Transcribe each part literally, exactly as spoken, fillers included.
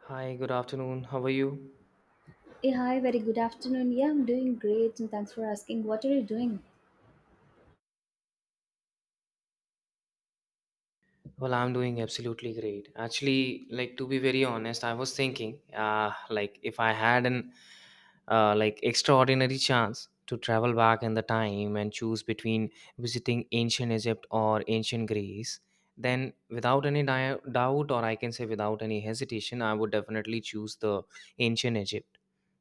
Hi, good afternoon. How are you? Hey, hi, very good afternoon. Yeah, I'm doing great and thanks for asking. What are you doing? Well, I'm doing absolutely great. Actually, like to be very honest, I was thinking, uh, like if I had an uh, like extraordinary chance to travel back in the time and choose between visiting ancient Egypt or ancient Greece, then without any dia doubt, or I can say without any hesitation, I would definitely choose the ancient Egypt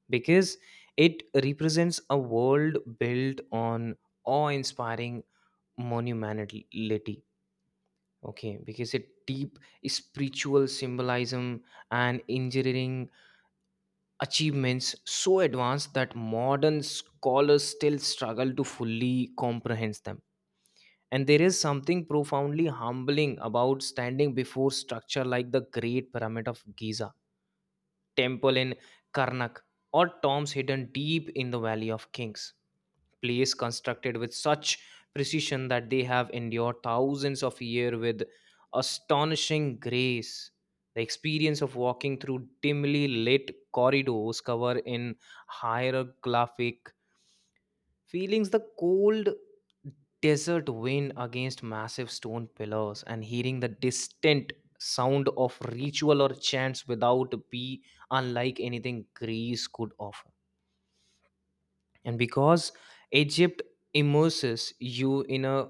because it represents a world built on awe-inspiring monumentality. Okay, because a deep spiritual symbolism and engineering achievements so advanced that modern scholars still struggle to fully comprehend them. And there is something profoundly humbling about standing before structure like the Great Pyramid of Giza, temple in Karnak, or tombs hidden deep in the Valley of Kings, place constructed with such precision that they have endured thousands of years with astonishing grace. The experience of walking through dimly lit corridors covered in hieroglyphic feelings, the cold desert wind against massive stone pillars, and hearing the distant sound of ritual or chants without be unlike anything Greece could offer. And because Egypt immerses you in a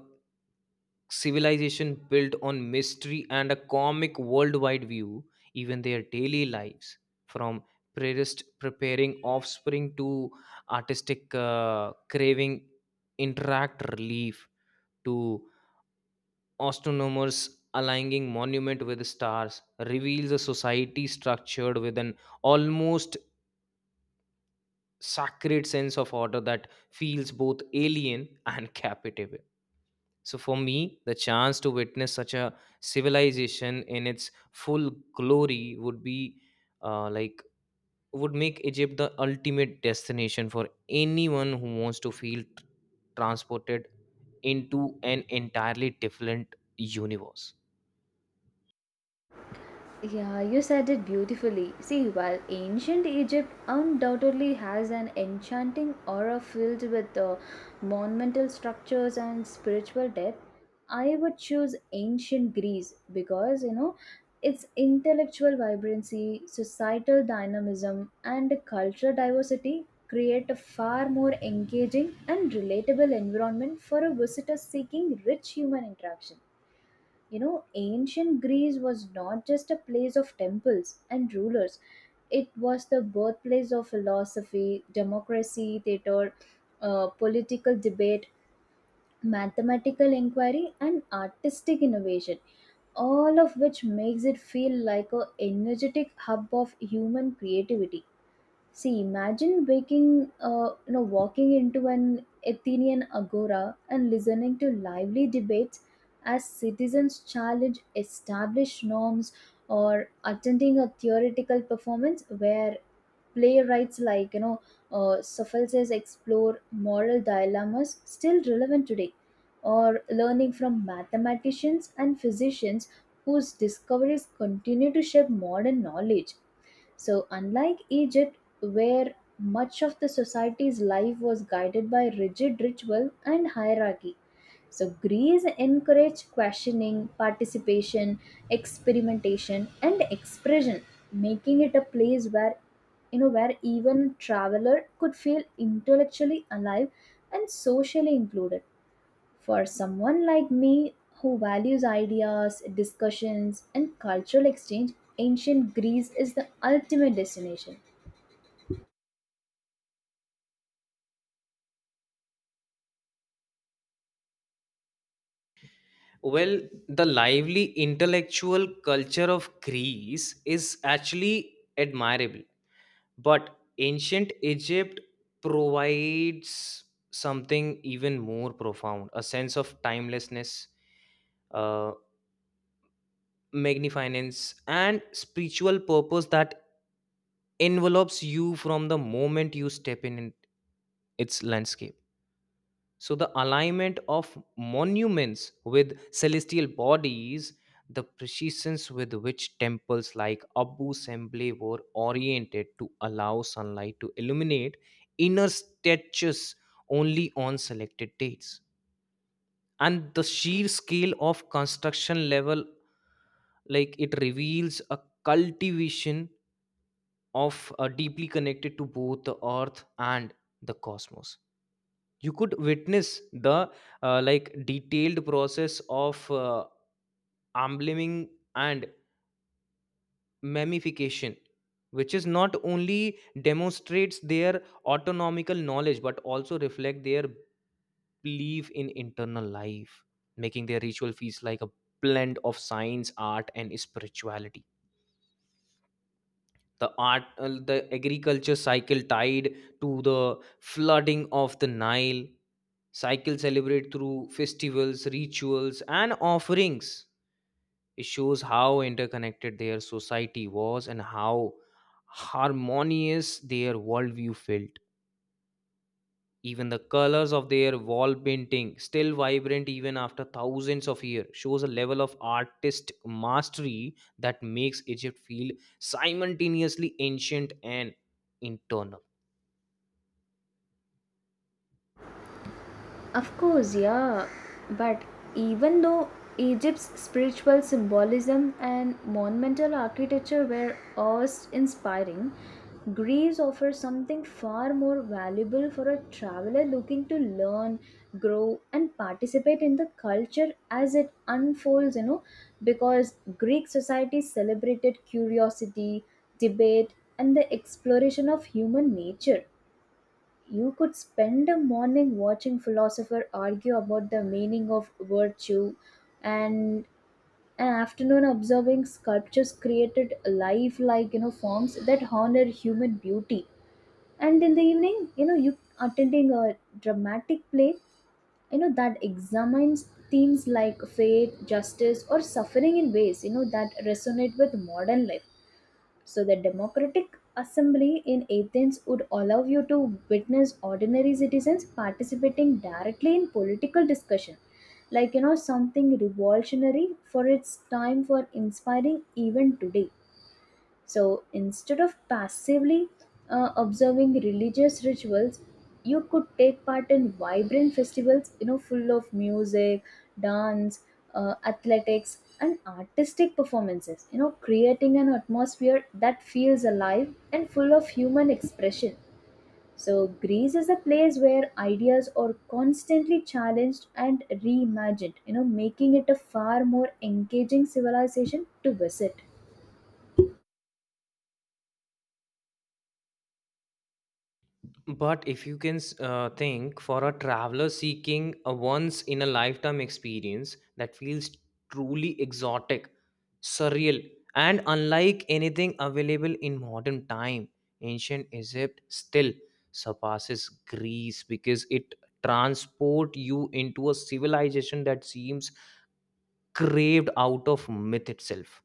civilization built on mystery and a comic worldwide view, even their daily lives, from priest preparing offspring to artistic uh, craving, interact relief to astronomers aligning monument with stars, reveals a society structured with an almost sacred sense of order that feels both alien and captivating. So for me, the chance to witness such a civilization in its full glory would be uh, like would make Egypt the ultimate destination for anyone who wants to feel t- transported into an entirely different universe. Yeah, you said it beautifully. See, while ancient Egypt undoubtedly has an enchanting aura filled with uh, monumental structures and spiritual depth, I would choose ancient Greece because, you know, its intellectual vibrancy, societal dynamism, and cultural diversity create a far more engaging and relatable environment for a visitor seeking rich human interaction. You know, ancient Greece was not just a place of temples and rulers, it was the birthplace of philosophy, democracy, theater, uh, political debate, mathematical inquiry, and artistic innovation, all of which makes it feel like a energetic hub of human creativity. See, imagine waking, uh, you know, walking into an Athenian agora and listening to lively debates as citizens challenge established norms, or attending a theoretical performance where playwrights like you know uh, Sophocles explore moral dilemmas still relevant today, or learning from mathematicians and physicians whose discoveries continue to shape modern knowledge. So, unlike Egypt, where much of the society's life was guided by rigid ritual and hierarchy, so Greece encouraged questioning, participation, experimentation, and expression, making it a place where you know where even a traveler could feel intellectually alive and socially included. For someone like me who values ideas, discussions, and cultural exchange, ancient Greece is the ultimate destination. Well, the lively intellectual culture of Greece is actually admirable. But ancient Egypt provides something even more profound, a sense of timelessness, uh, magnificence, and spiritual purpose that envelops you from the moment you step in its landscape. So the alignment of monuments with celestial bodies, the precision with which temples like Abu Semble were oriented to allow sunlight to illuminate inner statues only on selected dates, and the sheer scale of construction level, like it reveals a cultivation of uh, deeply connected to both the earth and the cosmos. You could witness the uh, like detailed process of uh, ambliming and mummification, which is not only demonstrates their autonomical knowledge but also reflect their belief in internal life, making their ritual feast like a blend of science art and spirituality. The art uh, the agriculture cycle tied to the flooding of the Nile Cycle, celebrate through festivals, rituals, and offerings. It shows how interconnected their society was and how harmonious their worldview felt. Even the colors of their wall painting, still vibrant even after thousands of years, shows a level of artist mastery that makes Egypt feel simultaneously ancient and internal. Of course, yeah. But even though Egypt's spiritual symbolism and monumental architecture were awe inspiring, Greece offers something far more valuable for a traveler looking to learn, grow, and participate in the culture as it unfolds, you know, because Greek society celebrated curiosity, debate, and the exploration of human nature. You could spend a morning watching philosopher argue about the meaning of virtue and an afternoon observing sculptures created life-like, you know, forms that honor human beauty. And in the evening, you know, you attending a dramatic play, you know, that examines themes like fate, justice, or suffering in ways, you know, that resonate with modern life. So, the Democratic Assembly in Athens would allow you to witness ordinary citizens participating directly in political discussion, like you know, something revolutionary for its time for inspiring even today. So instead of passively uh, observing religious rituals, you could take part in vibrant festivals, you know, full of music, dance, uh, athletics, and artistic performances, you know, creating an atmosphere that feels alive and full of human expression. So, Greece is a place where ideas are constantly challenged and reimagined, you know, making it a far more engaging civilization to visit. But if you can uh, think, for a traveler seeking a once in a lifetime experience that feels truly exotic, surreal, and unlike anything available in modern time, ancient Egypt still surpasses Greece because it transport you into a civilization that seems craved out of myth itself,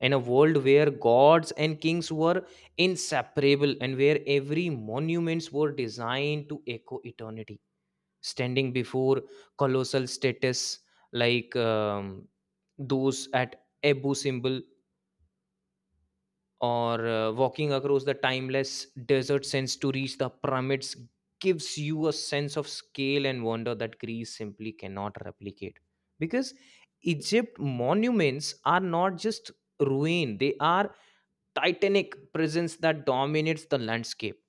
and a world where gods and kings were inseparable and where every monuments were designed to echo eternity. Standing before colossal status like um, those at Abu symbol, or uh, walking across the timeless desert sands to reach the pyramids gives you a sense of scale and wonder that Greece simply cannot replicate because Egypt monuments are not just ruin, they are titanic presence that dominates the landscape.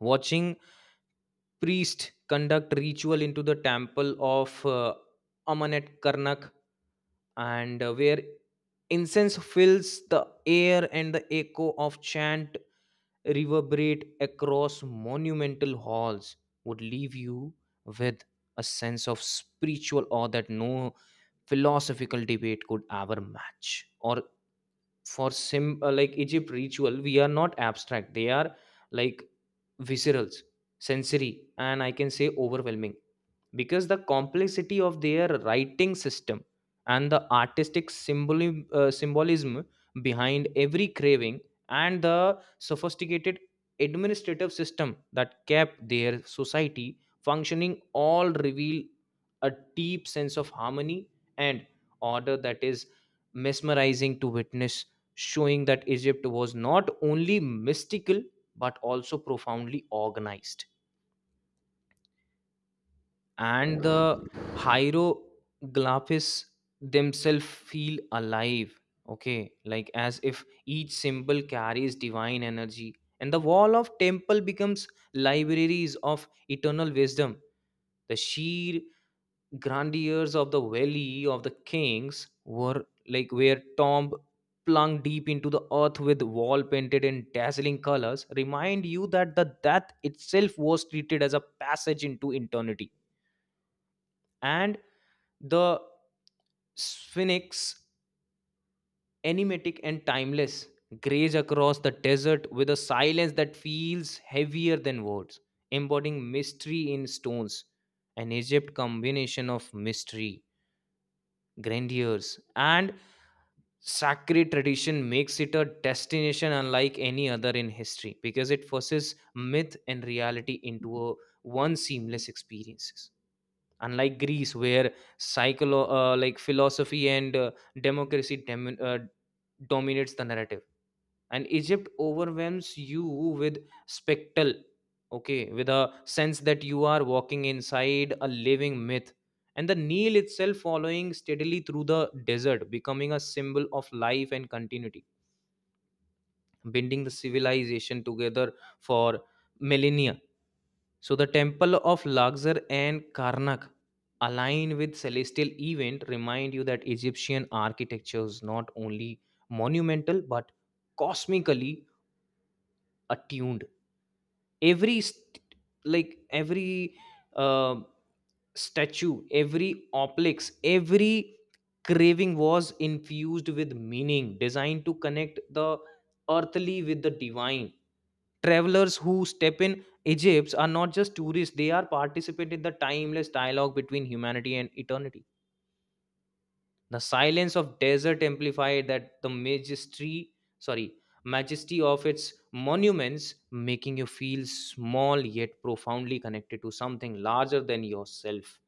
Watching priest conduct ritual into the temple of uh, Amanet Karnak, and uh, where incense fills the air and the echo of chant reverberate across monumental halls would leave you with a sense of spiritual awe that no philosophical debate could ever match. Or for sim uh, like Egypt ritual we are not abstract, they are like viscerals, sensory, and I can say overwhelming because the complexity of their writing system and the artistic symboli- uh, symbolism behind every craving and the sophisticated administrative system that kept their society functioning all reveal a deep sense of harmony and order that is mesmerizing to witness, showing that Egypt was not only mystical but also profoundly organized. And the hieroglyphs themselves feel alive, okay, like as if each symbol carries divine energy and the wall of temple becomes libraries of eternal wisdom. The sheer grandeurs of the Valley of the Kings, were like were tomb plunged deep into the earth with wall painted in dazzling colors, remind you that the death itself was treated as a passage into eternity. And the Sphinx, enigmatic and timeless, graze across the desert with a silence that feels heavier than words, embodying mystery in stones. An Egypt combination of mystery, grandeur, and sacred tradition makes it a destination unlike any other in history because it forces myth and reality into a one seamless experiences. Unlike Greece, where psycholo- uh, like philosophy and uh, democracy dem- uh, dominates the narrative, and Egypt overwhelms you with spectacle, okay, with a sense that you are walking inside a living myth. And the Nile itself, following steadily through the desert, becoming a symbol of life and continuity, binding the civilization together for millennia. So the temple of Luxor and Karnak align with celestial event remind you that Egyptian architecture is not only monumental but cosmically attuned. Every st- like every uh, statue, every oplex, every craving was infused with meaning designed to connect the earthly with the divine. Travelers who step in Egypt are not just tourists, they are participant in the timeless dialogue between humanity and eternity. The silence of desert amplified that the majesty, sorry, majesty of its monuments, making you feel small yet profoundly connected to something larger than yourself.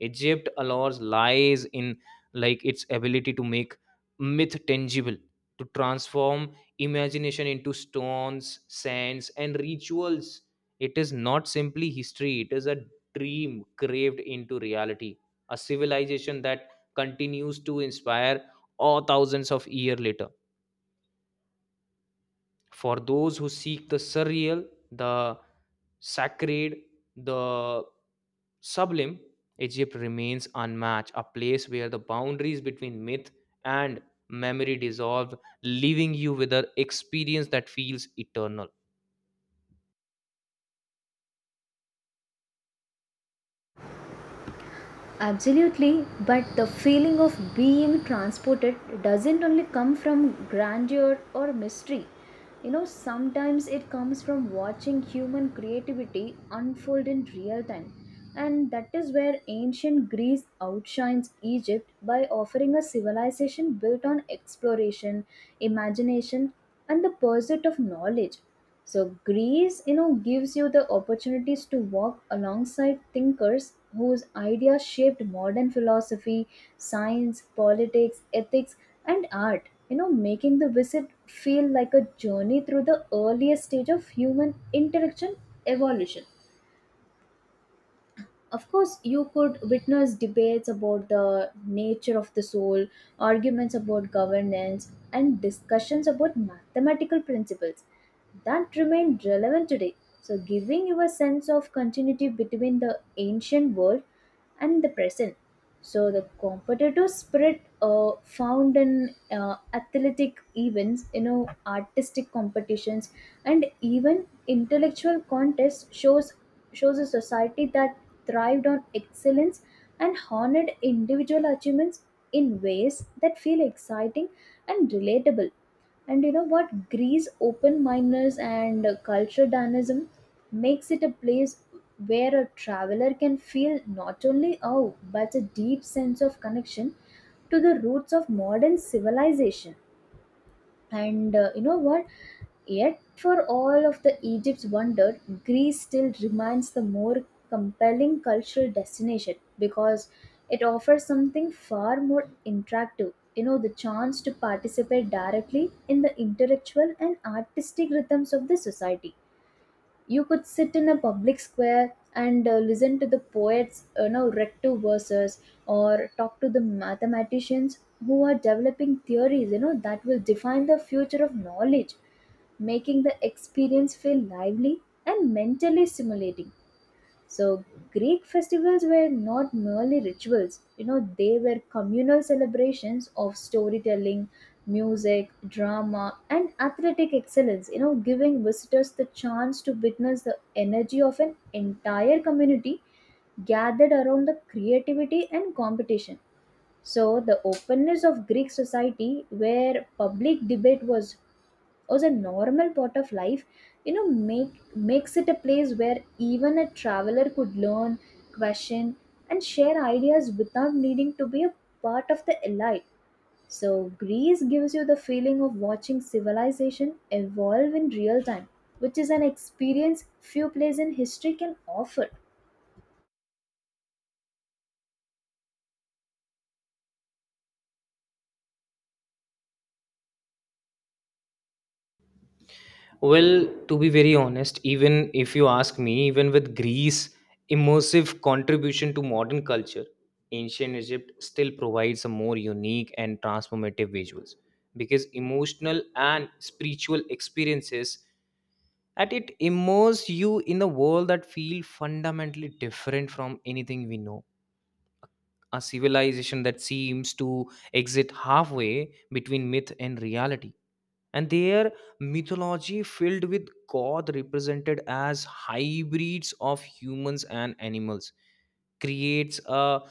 Egypt allows lies in like its ability to make myth tangible, to transform imagination into stones, sands, and rituals. It is not simply history, it is a dream craved into reality, a civilization that continues to inspire all thousands of years later. For those who seek the surreal, the sacred, the sublime, Egypt remains unmatched, a place where the boundaries between myth and memory dissolve, leaving you with an experience that feels eternal. Absolutely, but the feeling of being transported doesn't only come from grandeur or mystery. You know, sometimes it comes from watching human creativity unfold in real time. And that is where ancient Greece outshines Egypt by offering a civilization built on exploration, imagination, and the pursuit of knowledge. So Greece, you know, gives you the opportunities to walk alongside thinkers whose ideas shaped modern philosophy, science, politics, ethics, and art. You know, making the visit feel like a journey through the earliest stage of human intellectual evolution. Of course you could witness debates about the nature of the soul, arguments about governance and discussions about mathematical principles that remain relevant today, so giving you a sense of continuity between the ancient world and the present. So the competitive spirit uh, found in uh, athletic events, you know, artistic competitions and even intellectual contest shows shows a society that thrived on excellence and honored individual achievements in ways that feel exciting and relatable. And you know what, greece open mindedness and uh, cultural dynamism makes it a place where a traveler can feel not only awe but a deep sense of connection to the roots of modern civilization. And uh, you know what? Yet, for all of the Egypt's wonder, Greece still remains the more compelling cultural destination because it offers something far more interactive. You know, the chance to participate directly in the intellectual and artistic rhythms of the society. You could sit in a public square and uh, listen to the poets, you know, recto verses or talk to the mathematicians who are developing theories, you know, that will define the future of knowledge, making the experience feel lively and mentally stimulating. So, Greek festivals were not merely rituals, you know, they were communal celebrations of storytelling, music, drama, and athletic excellence, you know, giving visitors the chance to witness the energy of an entire community gathered around the creativity and competition. So, the openness of Greek society, where public debate was as a normal part of life, you know, make makes it a place where even a traveler could learn, question, and share ideas without needing to be a part of the elite. So greece gives you the feeling of watching civilization evolve in real time, which is an experience few places in history can offer. Well, to be very honest, even if you ask me, even with Greece' immersive contribution to modern culture, ancient Egypt still provides a more unique and transformative visuals because emotional and spiritual experiences at it immerse you in a world that feels fundamentally different from anything we know. A civilization that seems to exit halfway between myth and reality, and their mythology filled with god represented as hybrids of humans and animals creates a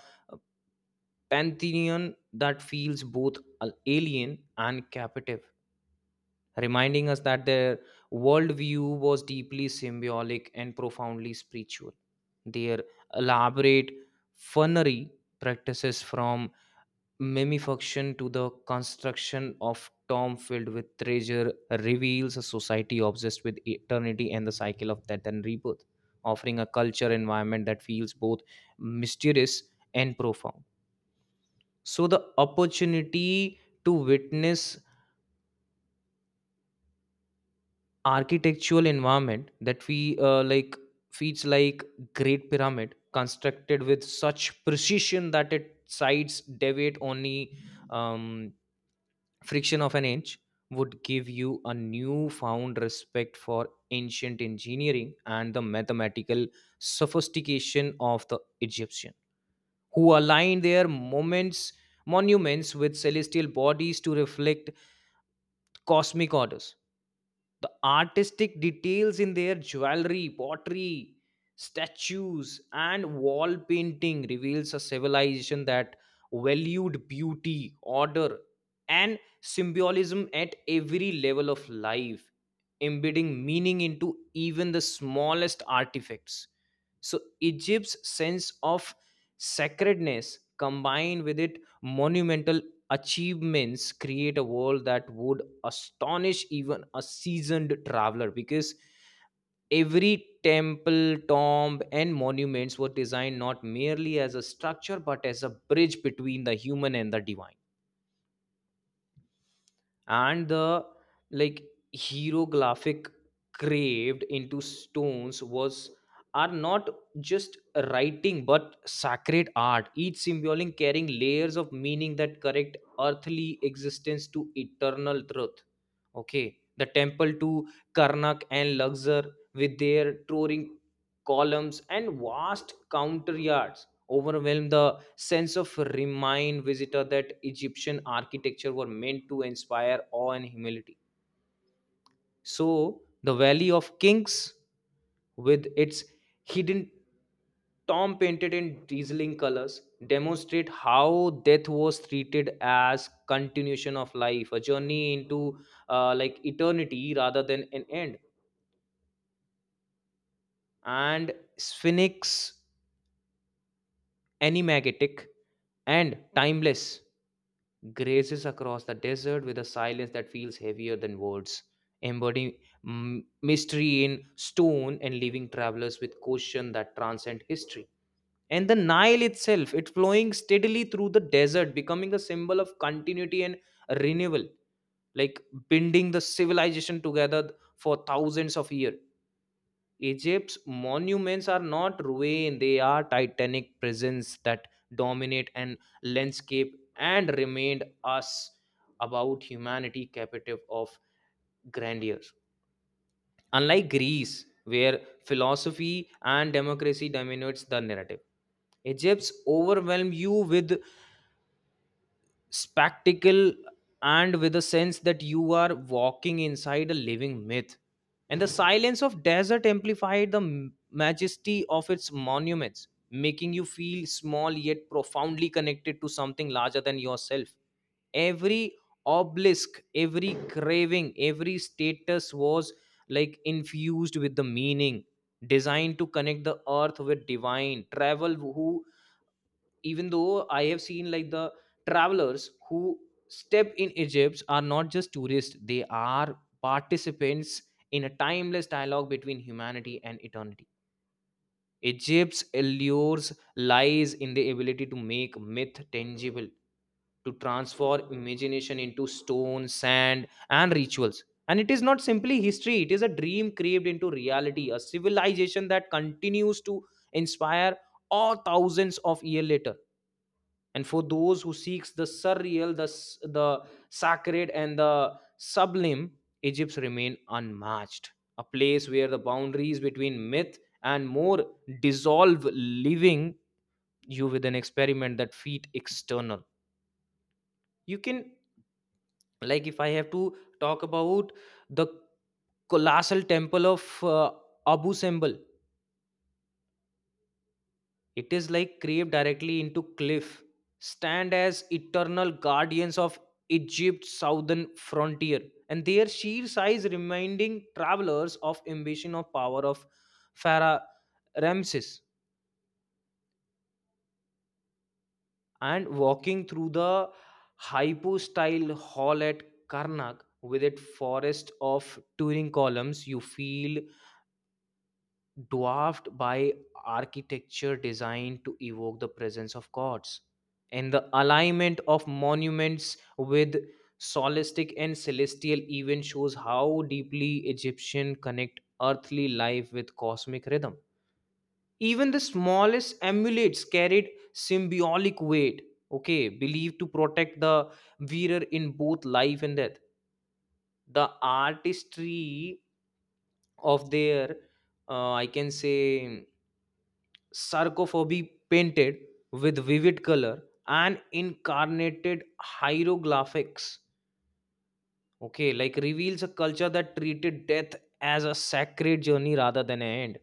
pantheon that feels both al- alien and captive, reminding us that their worldview was deeply symbolic and profoundly spiritual. Their elaborate funerary practices from mimifaction to the construction of Tom filled with treasure reveals a society obsessed with eternity and the cycle of death and rebirth, offering a culture environment that feels both mysterious and profound. So the opportunity to witness architectural environment that we uh, like feels like Great Pyramid constructed with such precision that it sides deviate only um, friction of an inch would give you a newfound respect for ancient engineering and the mathematical sophistication of the Egyptian, who aligned their moments, monuments with celestial bodies to reflect cosmic orders. The artistic details in their jewelry pottery statues and wall painting reveals a civilization that valued beauty order and symbolism at every level of life, embedding meaning into even the smallest artifacts. So Egypt's sense of sacredness, combined with its monumental achievements, create a world that would astonish even a seasoned traveler because every temple tomb and monuments were designed not merely as a structure but as a bridge between the human and the divine. And the like hieroglyphic craved into stones was are not just writing but sacred art, each symbolic carrying layers of meaning that connect earthly existence to eternal truth. Okay, the temple to Karnak and Luxor with their towering columns and vast counter yards overwhelm the sense of remind visitor that Egyptian architecture were meant to inspire awe and humility. So the Valley of Kings, with its hidden tomb painted in dazzling colors, demonstrate how death was treated as continuation of life, a journey into uh, like eternity rather than an end. And Sphinx, enigmatic and timeless, grazes across the desert with a silence that feels heavier than words, embodying mm, mystery in stone, and leaving travelers with questions that transcend history. And the Nile itself, it flowing steadily through the desert, becoming a symbol of continuity and renewal, like binding the civilization together for thousands of years. Egypt's monuments are not ruin, they are titanic presence that dominate an landscape and remained us about humanity captive of grandeur. Unlike Greece, where philosophy and democracy dominates the narrative, Egypt's overwhelm you with spectacle and with a sense that you are walking inside a living myth. And the silence of desert amplified the m- majesty of its monuments, making you feel small yet profoundly connected to something larger than yourself. Every obelisk, every craving, every status was like infused with the meaning, designed to connect the earth with divine. Travel who Even though I have seen, like, the travelers who step in Egypt are not just tourists, they are participants in a timeless dialogue between humanity and eternity. Egypt's allures lies in the ability to make myth tangible, to transform imagination into stone, sand and rituals. And it is not simply history, it is a dream craved into reality, a civilization that continues to inspire all thousands of years later. And for those who seeks the surreal, the s- the sacred and the sublime, Egypt remain unmatched, a place where the boundaries between myth and more dissolve, leaving you with an experiment that feet external. You can, like, if I have to talk about the colossal temple of uh, Abu Simbel. It is like craved directly into cliff, stand as eternal guardians of Egypt's southern frontier, and their sheer size reminding travelers of ambition of power of Pharaoh Ramses. And walking through the hypo-style hall at Karnak with its forest of Turin columns, you feel dwarfed by architecture designed to evoke the presence of gods. And the alignment of monuments with solistic and celestial events shows how deeply Egyptian connect earthly life with cosmic rhythm. Even the smallest amulets carried symbolic weight, okay, believed to protect the wearer in both life and death. The artistry of their uh, I can say sarcophagi painted with vivid color and incarnated hieroglyphics, okay, like reveals a culture that treated death as a sacred journey rather than an end.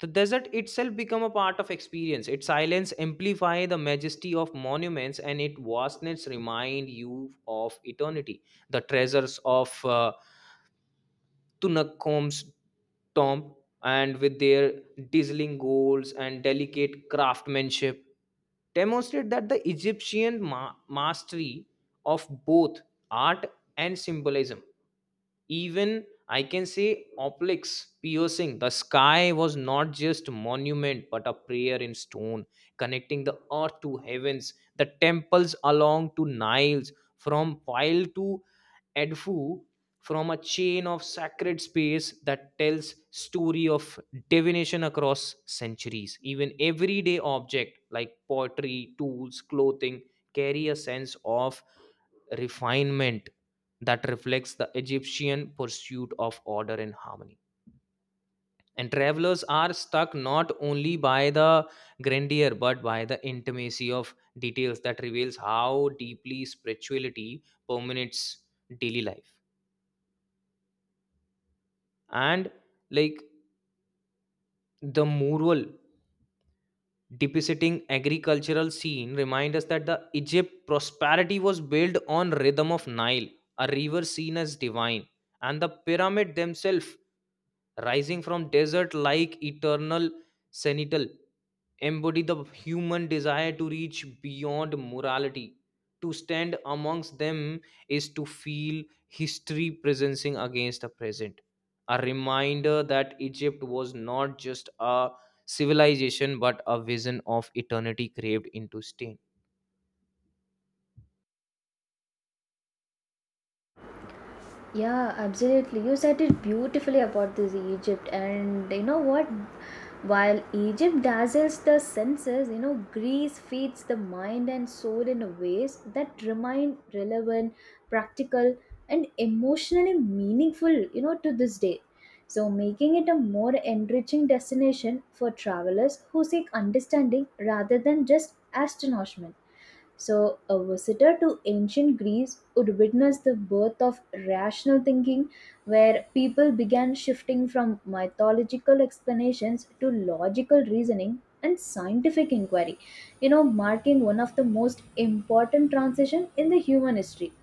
The desert itself become a part of experience, its silence amplify the majesty of monuments and its vastness remind you of eternity. The treasures of uh, Tunakkom's tomb, and with their dazzling goals and delicate craftsmanship, demonstrate that the Egyptian ma- mastery of both art and symbolism. Even I can say oplics piercing the sky was not just monument but a prayer in stone, connecting the earth to heavens. The temples along to Niles, from Nile to Edfu, from a chain of sacred space that tells story of divination across centuries. Even everyday object like pottery, tools, clothing carry a sense of refinement that reflects the Egyptian pursuit of order and harmony. And travelers are struck not only by the grandeur but by the intimacy of details that reveals how deeply spirituality permeates daily life. And like the mural depicting agricultural scene remind us that the Egypt prosperity was built on rhythm of Nile, a river seen as divine. And the pyramid themselves rising from desert like eternal sentinel embody the human desire to reach beyond morality. To stand amongst them is to feel history presencing against the present, a reminder that Egypt was not just a civilization but a vision of eternity craved into stain. Yeah, absolutely. You said it beautifully about this Egypt, and you know what? While Egypt dazzles the senses, you know, Greece feeds the mind and soul in ways that remain relevant, practical, and emotionally meaningful, you know, to this day. So, making it a more enriching destination for travelers who seek understanding rather than just astonishment. So, a visitor to ancient Greece would witness the birth of rational thinking, where people began shifting from mythological explanations to logical reasoning and scientific inquiry, you know, marking one of the most important transition in the human history.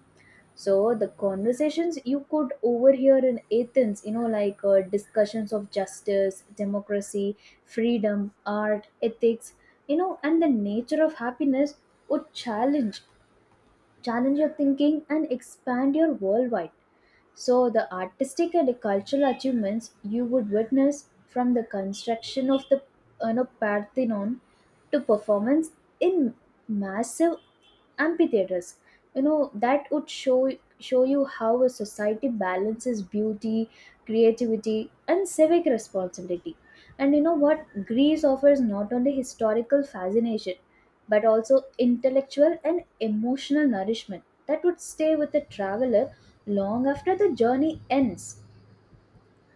So the conversations you could overhear in Athens, you know, like uh, discussions of justice, democracy, freedom, art, ethics, you know, and the nature of happiness would challenge challenge your thinking and expand your worldwide. So, the artistic and cultural achievements you would witness from the construction of the, you know, Parthenon to performance in massive amphitheaters, you know, that would show show you how a society balances beauty, creativity, and civic responsibility. And you know what? Greece offers not only historical fascination but also intellectual and emotional nourishment that would stay with the traveler long after the journey ends.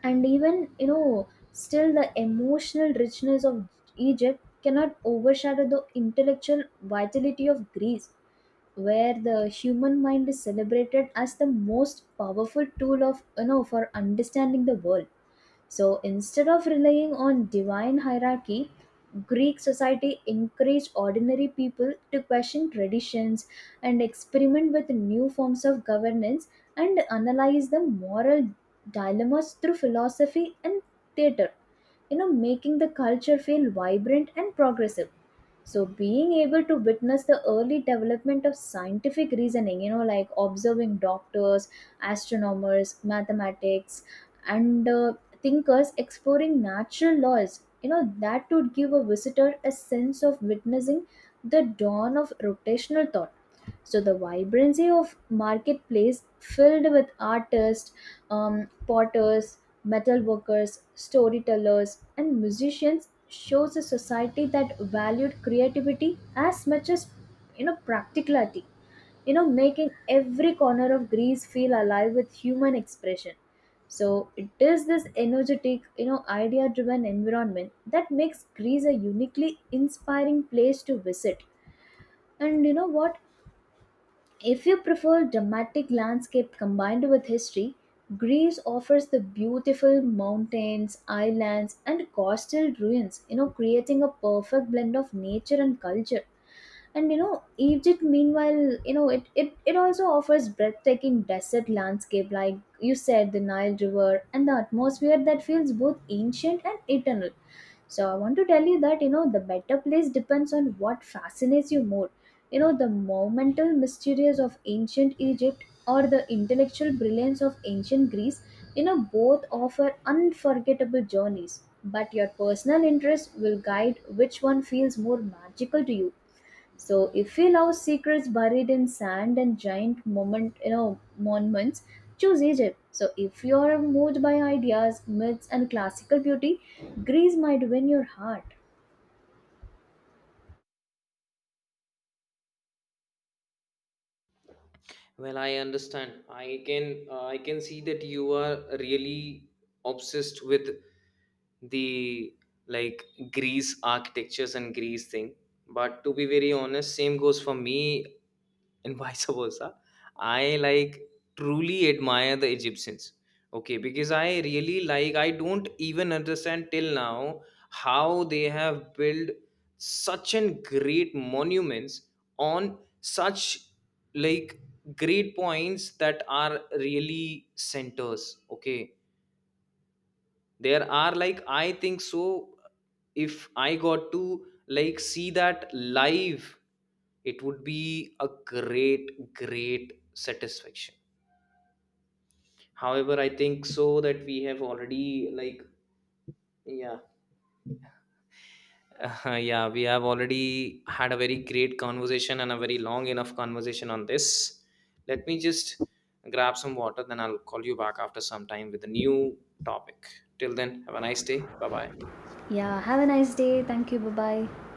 And even, you know, still the emotional richness of egypt cannot overshadow the intellectual vitality of greece, where the human mind is celebrated as the most powerful tool of, you know, for understanding the world. So instead of relying on divine hierarchy, Greek society encouraged ordinary people to question traditions and experiment with new forms of governance and analyze the moral dilemmas through philosophy and theater, you know, making the culture feel vibrant and progressive. So, being able to witness the early development of scientific reasoning, you know, like observing doctors, astronomers, mathematics, and uh, thinkers exploring natural laws. You know, that would give a visitor a sense of witnessing the dawn of rotational thought. So the vibrancy of marketplace filled with artists, um, potters, metal workers, storytellers, and musicians shows a society that valued creativity as much as, you know, practicality. You know, making every corner of Greece feel alive with human expression. So it is this energetic, you know, idea-driven environment that makes Greece a uniquely inspiring place to visit. And you know what? If you prefer dramatic landscape combined with history, Greece offers the beautiful mountains, islands, and coastal ruins, you know, creating a perfect blend of nature and culture. And you know, egypt meanwhile, you know, it it, it also offers breathtaking desert landscape, like you said, the nile river and the atmosphere that feels both ancient and eternal. So I want to tell you that, you know, the better place depends on what fascinates you more. You know, the monumental mysteries of ancient Egypt or the intellectual brilliance of ancient Greece. You know, both offer unforgettable journeys, but your personal interest will guide which one feels more magical to you. So if you love secrets buried in sand and giant moment, you know, monuments, choose Egypt. So if you are moved by ideas, myths and classical beauty, Greece might win your heart. Well, I understand. I can uh, I can see that you are really obsessed with the, like, Greece architectures and Greece thing. But to be very honest, same goes for me and vice versa. I like truly admire the Egyptians. Okay, because I really like I don't even understand till now how they have built such an great monuments on such, like, great points that are really centers, okay. There are, like, I think so, if I got to, like, see that live, it would be a great great satisfaction. However, I think so that we have already, like, yeah, Uh, yeah, we have already had a very great conversation and a very long enough conversation on this. Let me just grab some water, then I'll call you back after some time with a new topic. Till then, have a nice day. Bye bye. Yeah, have a nice day. Thank you. Bye-bye.